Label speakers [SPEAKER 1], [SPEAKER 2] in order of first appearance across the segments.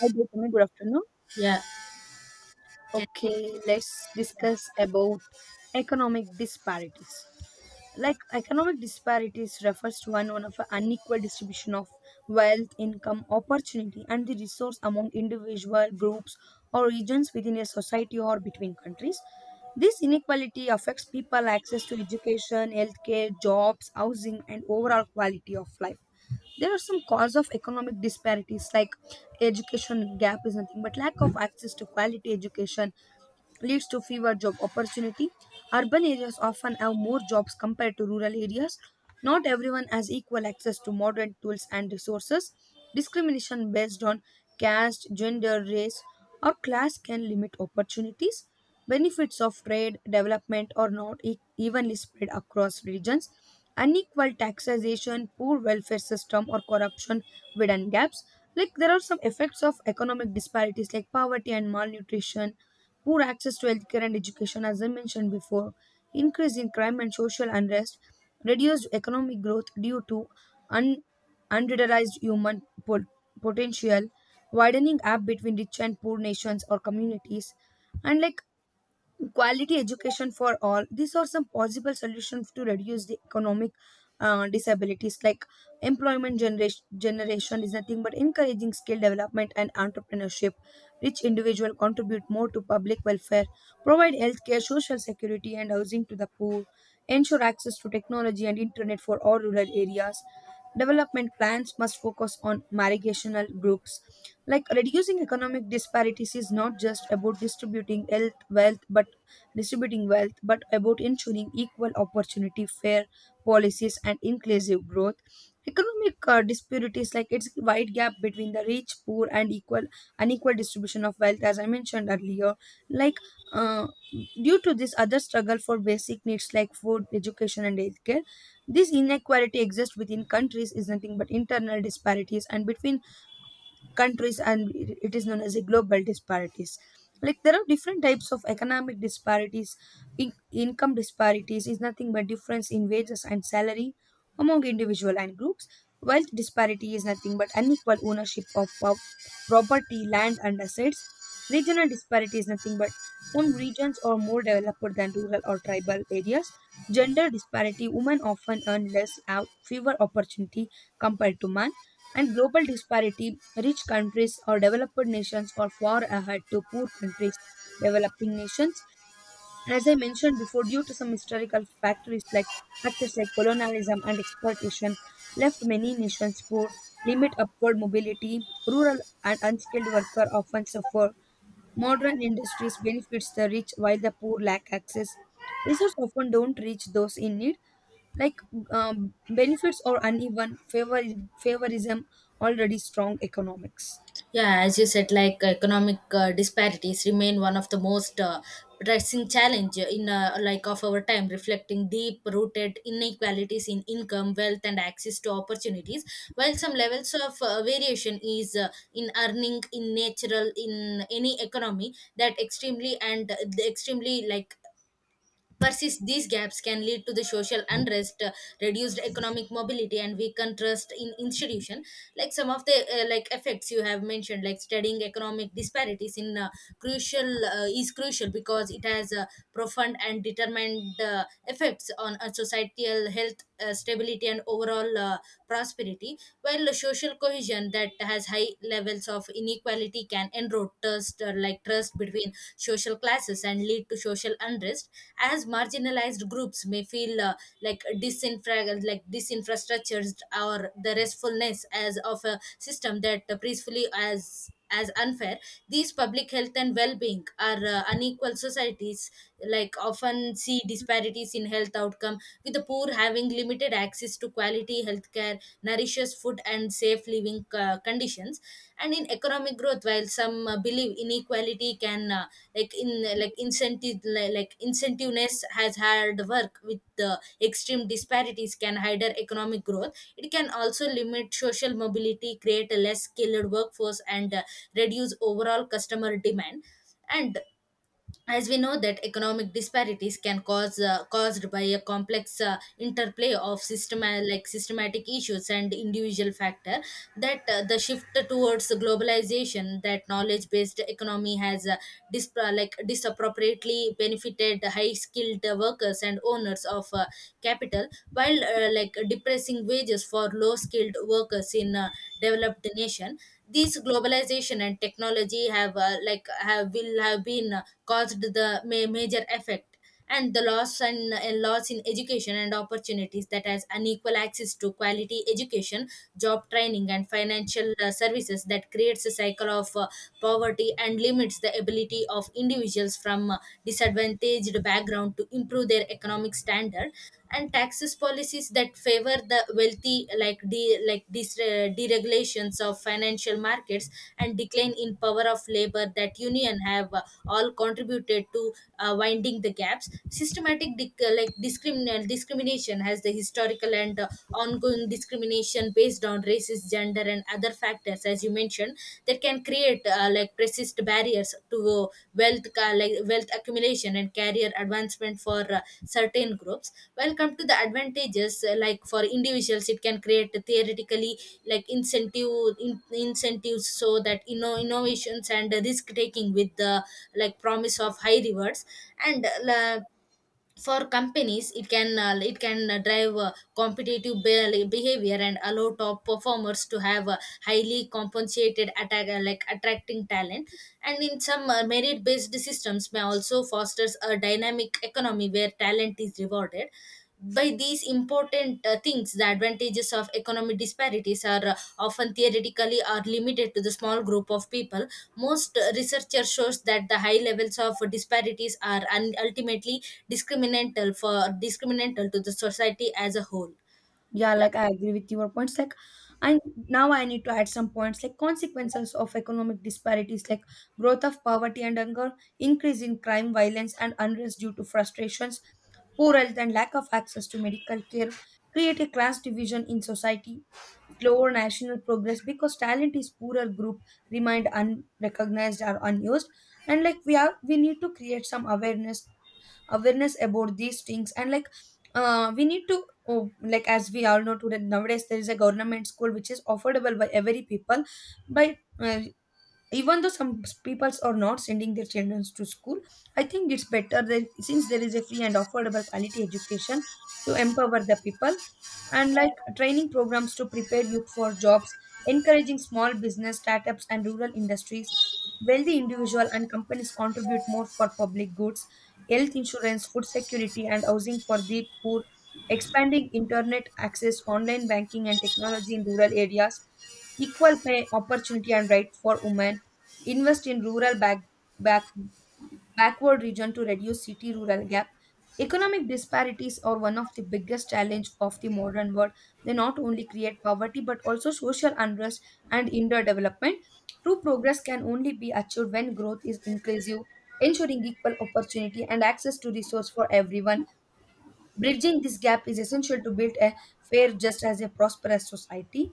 [SPEAKER 1] Hi, Gautami. Good afternoon.
[SPEAKER 2] Yeah. Can we-
[SPEAKER 1] Okay, let's
[SPEAKER 2] Yeah,
[SPEAKER 1] discuss about economic disparities. Like, economic disparities refers to one of an unequal distribution of wealth, income, opportunity, and the resource among individual groups or regions within a society or between countries. This inequality affects people access to education, healthcare, jobs, housing, and overall quality of life. There are some cause of economic disparities like education gap is nothing but lack of access to quality education leads to fewer job opportunity. Urban areas often have more jobs compared to rural areas. Not everyone has equal access to modern tools and resources. Discrimination based on caste, gender, race, or class can limit opportunities. Benefits of trade development are not evenly spread across regions. Unequal taxation, poor welfare system, or corruption widen gaps. Like, there are some effects of economic disparities like poverty and malnutrition, poor access to healthcare and education, as I mentioned before, increase in crime and social unrest, reduced economic growth due to un- unrealized human potential, widening gap between rich and poor nations or communities, and like quality education for all. These are some possible solutions to reduce the economic disabilities, like employment generation is nothing but encouraging skill development and entrepreneurship, rich individual contribute more to public welfare, provide healthcare, social security, and housing to the poor, ensure access to technology and internet for all rural areas, development plans must focus on marginal groups. Like, reducing economic disparities is not just about distributing wealth, but about ensuring equal opportunity, fair policies, and inclusive growth. Economic disparities, like it's a wide gap between the rich, poor, and equal unequal distribution of wealth, as I mentioned earlier. Like, uh, due to this other struggle for basic needs like food, education, and healthcare, this inequality exists within countries is nothing but internal disparities, and between countries and it is known as a global disparities. Like, there are different types of economic disparities. in- Income disparities is nothing but difference in wages and salary among individual and groups. Wealth disparity is nothing but unequal ownership of property, land, and assets. Regional disparity is nothing but some regions are more developed than rural or tribal areas. Gender disparity, women often earn less, have fewer opportunity compared to man. And global disparity, rich countries or developed nations are far ahead to poor countries, developing nations. And as I mentioned before, due to some historical factors like colonialism and exploitation, left many nations poor, limit upward mobility, rural and unskilled worker often suffer. Modern industries benefits the rich while the poor lack access. Resources often don't reach those in need. Like, benefits or uneven favorism already strong economics.
[SPEAKER 2] yeah, as you said, like economic disparities remain one of the most pressing challenge in like of our time, reflecting deep-rooted inequalities in income, wealth, and access to opportunities. While some levels of variation is in earning in natural in any economy that extremely and the extremely, persist these gaps can lead to the social unrest reduced economic mobility and weakened trust in institution, like some of the like effects you have mentioned, like studying economic disparities in crucial is crucial because it has profound and determined effects on a societal health, stability and overall prosperity, while the social cohesion that has high levels of inequality can erode trust or like trust between social classes and lead to social unrest as marginalized groups may feel like disinfrastructures or the restfulness as of a system that peacefully as unfair. These public health and well-being are unequal societies, like often see disparities in health outcome with the poor having limited access to quality healthcare, nourishes food and safe living conditions. And in economic growth, while some believe inequality can like in like incentive li- like incentiveness has hard work, with the extreme disparities can hinder economic growth, it can also limit social mobility, create a less skilled workforce and reduce overall customer demand. And as we know that economic disparities can caused by a complex interplay of systematic issues and individual factor, that the shift towards globalization, that knowledge based economy has disappropriately benefited high skilled workers and owners of capital, while like depressing wages for low skilled workers in developed nation. These globalization and technology have like have will have been caused the major effect. And the loss and loss in education and opportunities, that has unequal access to quality education, job training and financial services, that creates a cycle of poverty and limits the ability of individuals from disadvantaged background to improve their economic standard. And taxes policies that favor the wealthy, like deregulations of financial markets and decline in power of labor that union have all contributed to winding the gaps. Systematic dic- like discrimin- Discrimination has the historical and ongoing discrimination based on races, gender and other factors, as you mentioned, that can create like persist barriers to wealth ca- like wealth accumulation and career advancement for certain groups. While come to the advantages, like for individuals, it can create theoretically like incentive incentives, so that you know innovations and risk taking with the like promise of high rewards. And for companies, it can drive competitive behavior and allow top performers to have a highly compensated attack like attracting talent. And in some merit based systems may also fosters a dynamic economy where talent is rewarded. By these important things, the advantages of economic disparities are often theoretically are limited to the small group of people. Most researcher shows that the high levels of disparities are ultimately discriminant for discriminant to the society as a whole.
[SPEAKER 1] Yeah,
[SPEAKER 2] yeah
[SPEAKER 1] like I agree with your points. Like, and now I need to add some points like consequences of economic disparities, like growth of poverty and hunger, increase in crime, violence, and unrest due to frustrations, poor health, and lack of access to medical care, create a class division in society, slower national progress because talent is poorer group remained unrecognized or unused. And like we need to create some awareness about these things. And like we need to, oh, like as we all know, today nowadays there is a government school which is affordable by every people by, even though some peoples are not sending their children to school. I think it's better that since there is a free and affordable quality education to empower the people. And like training programs to prepare youth for jobs, encouraging small business startups and rural industries. Wealthy individual and companies contribute more for public goods, health insurance, food security, and housing for the poor. Expanding internet access, online banking, and technology in rural areas. Equal pay opportunity and right for women. Invest in rural back backward region to reduce city rural gap. Economic disparities are one of the biggest challenge of the modern world. They not only create poverty but also social unrest and underdevelopment. True progress can only be achieved when growth is inclusive, ensuring equal opportunity and access to resource for everyone. Bridging this gap is essential to build a fair, just as a prosperous society.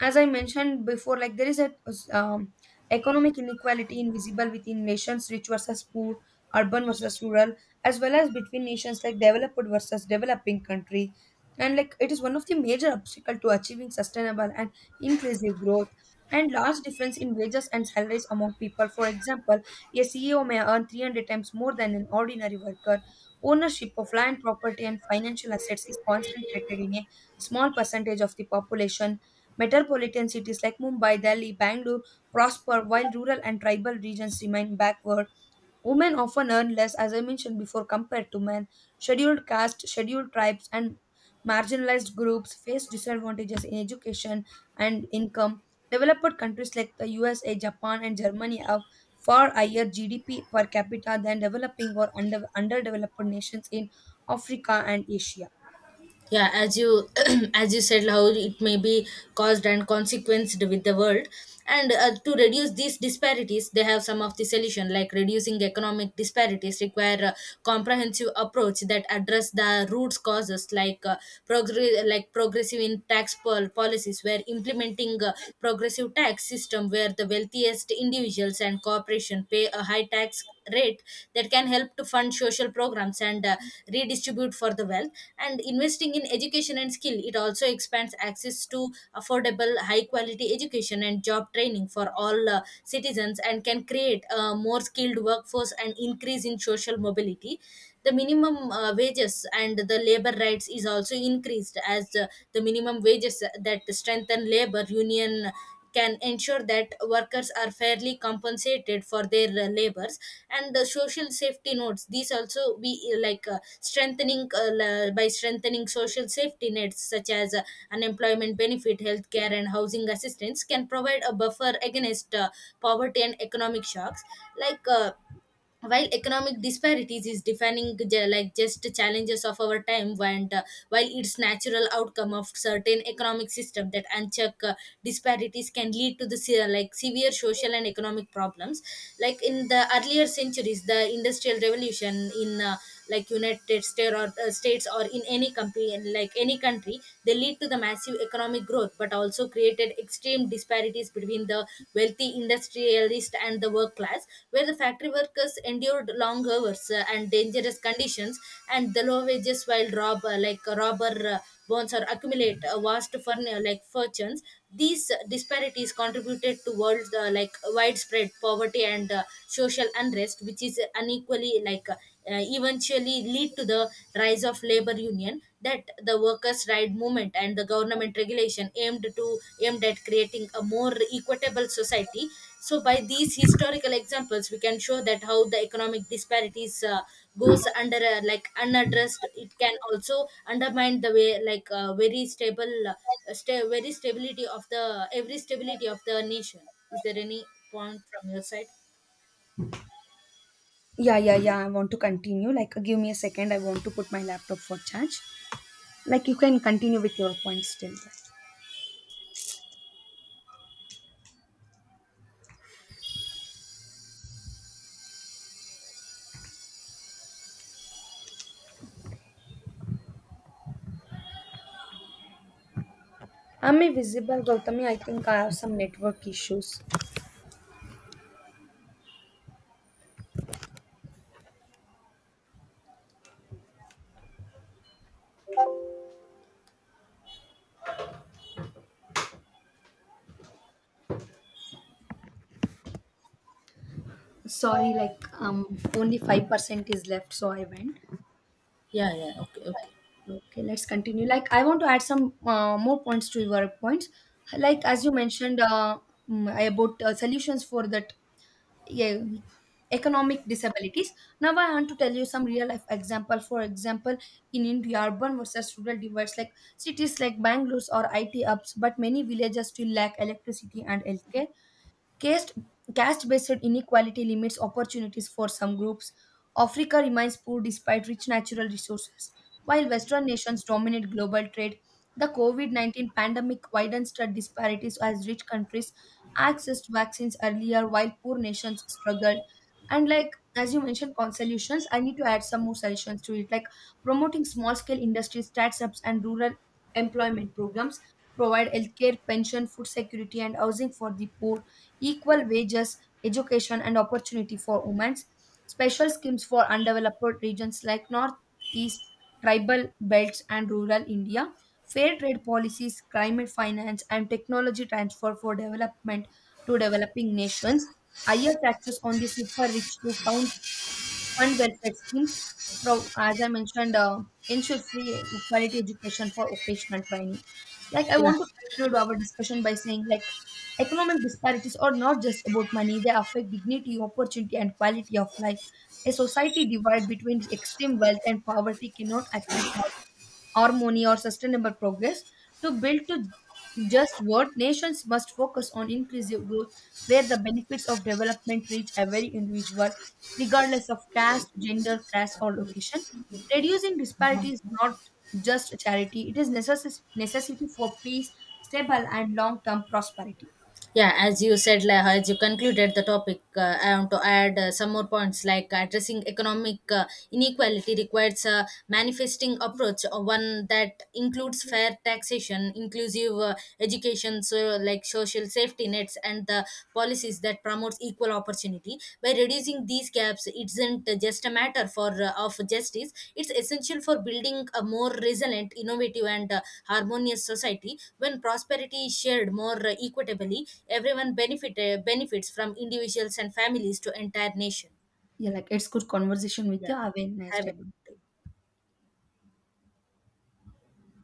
[SPEAKER 1] As I mentioned before, like there is a um, economic inequality invisible within nations, rich versus poor, urban versus rural, as well as between nations like developed versus developing country. And like it is one of the major obstacle to achieving sustainable and inclusive growth. And large difference in wages and salaries among people. For example, a CEO may earn 300 times more than an ordinary worker. Ownership of land, property, and financial assets is concentrated in a small percentage of the population. Metropolitan cities like Mumbai, Delhi, Bangalore prosper while rural and tribal regions remain backward. Women often earn less, as I mentioned before, compared to men. Scheduled castes, scheduled tribes, and marginalized groups face disadvantages in education and income. Developed countries like the USA, Japan, and Germany have far higher GDP per capita than developing or underdeveloped nations in Africa and Asia.
[SPEAKER 2] yeah as you as you said how it may be caused and consequenced with the world. And to reduce these disparities, they have some of the solution, like reducing economic disparities require a comprehensive approach that address the root causes, like progressive in tax policies, where implementing a progressive tax system where the wealthiest individuals and corporation pay a high tax rate that can help to fund social programs and redistribute for the wealth. And investing in education and skill, it also expands access to affordable high quality education and job training for all citizens and can create a more skilled workforce and increase in social mobility. The minimum wages and the labor rights is also increased, as the minimum wages that strengthen labor union can ensure that workers are fairly compensated for their labors. And the social safety nets, these also be strengthening by strengthening social safety nets such as unemployment benefit, healthcare and housing assistance can provide a buffer against poverty and economic shocks. Like while economic disparities is defining just challenges of our time, and while it's natural outcome of certain economic system, that unchecked disparities can lead to the severe social and economic problems. Like in the earlier centuries, the industrial revolution in United States or states, or in any company, like any country, they lead to the massive economic growth but also created extreme disparities between the wealthy industrialist and the work class, where the factory workers endured long hours and dangerous conditions and the low wages, while robber bonds or accumulate vast fortunes. These disparities contributed to world widespread poverty and social unrest, which is unequally eventually lead to the rise of labor union, that the workers right movement and the government regulation aimed at creating a more equitable society. So by these historical examples we can show that how the economic disparities goes under unaddressed, it can also undermine the way like very stable sta- very stability of the every stability of the nation. Is there any point from your side?
[SPEAKER 1] Yeah, yeah, yeah, I want to continue. Like, give me a second. I want to put my laptop for charge. Like, you can continue with your points till that. I'm visible, Gautami. I think I have some network issues. Sorry, like, only 5% is left, so I went.
[SPEAKER 2] Yeah okay, okay.
[SPEAKER 1] Okay, let's continue. Like, I want to add some more points to your points. Like, as you mentioned about solutions for the, yeah, economic disabilities. Now I want to tell you some real life example. For example, in India, urban versus rural divides, like cities like Bangalore or IT hubs, but many villages still lack electricity and healthcare. Caste, caste-based inequality limits opportunities for some groups. Africa remains poor despite rich natural resources. While Western nations dominate global trade, the COVID-19 pandemic widens the disparities as rich countries accessed vaccines earlier while poor nations struggled. And like as you mentioned, solutions, I need to add some more solutions to it, like promoting small-scale industry startups and rural employment programs, provide healthcare, pension, food security, and housing for the poor, equal wages, education, and opportunity for women, special schemes for undeveloped regions like northeast, tribal belts, and rural India, fair trade policies, climate finance, and technology transfer for development to developing nations, higher taxes on the super rich to fund welfare schemes, as I mentioned, ensure free quality education for occasional training. Like, I
[SPEAKER 2] yeah
[SPEAKER 1] want to conclude our discussion by saying like economic disparities are not just about money; they affect dignity, opportunity, and quality of life. A society divided between extreme wealth and poverty cannot achieve harmony or sustainable progress. To build to Just what nations must focus on inclusive growth where the benefits of development reach every individual regardless of caste, gender, class, or location. Reducing disparity is not just a charity, it is necessity for peace, stable and long-term prosperity.
[SPEAKER 2] yeah as you said, like as you concluded the topic, I want to add some more points, like addressing economic inequality requires a manifesting approach, one that includes fair taxation, inclusive education, so like social safety nets and the policies that promote equal opportunity. By reducing these gaps, it not just a matter for of justice, it's essential for building a more resilient, innovative and harmonious society. When prosperity is shared more equitably, everyone benefits from individuals and families to entire nation.
[SPEAKER 1] Yeah, like it's good conversation with
[SPEAKER 2] Yeah,
[SPEAKER 1] you. Have a nice
[SPEAKER 2] have
[SPEAKER 1] day.
[SPEAKER 2] a-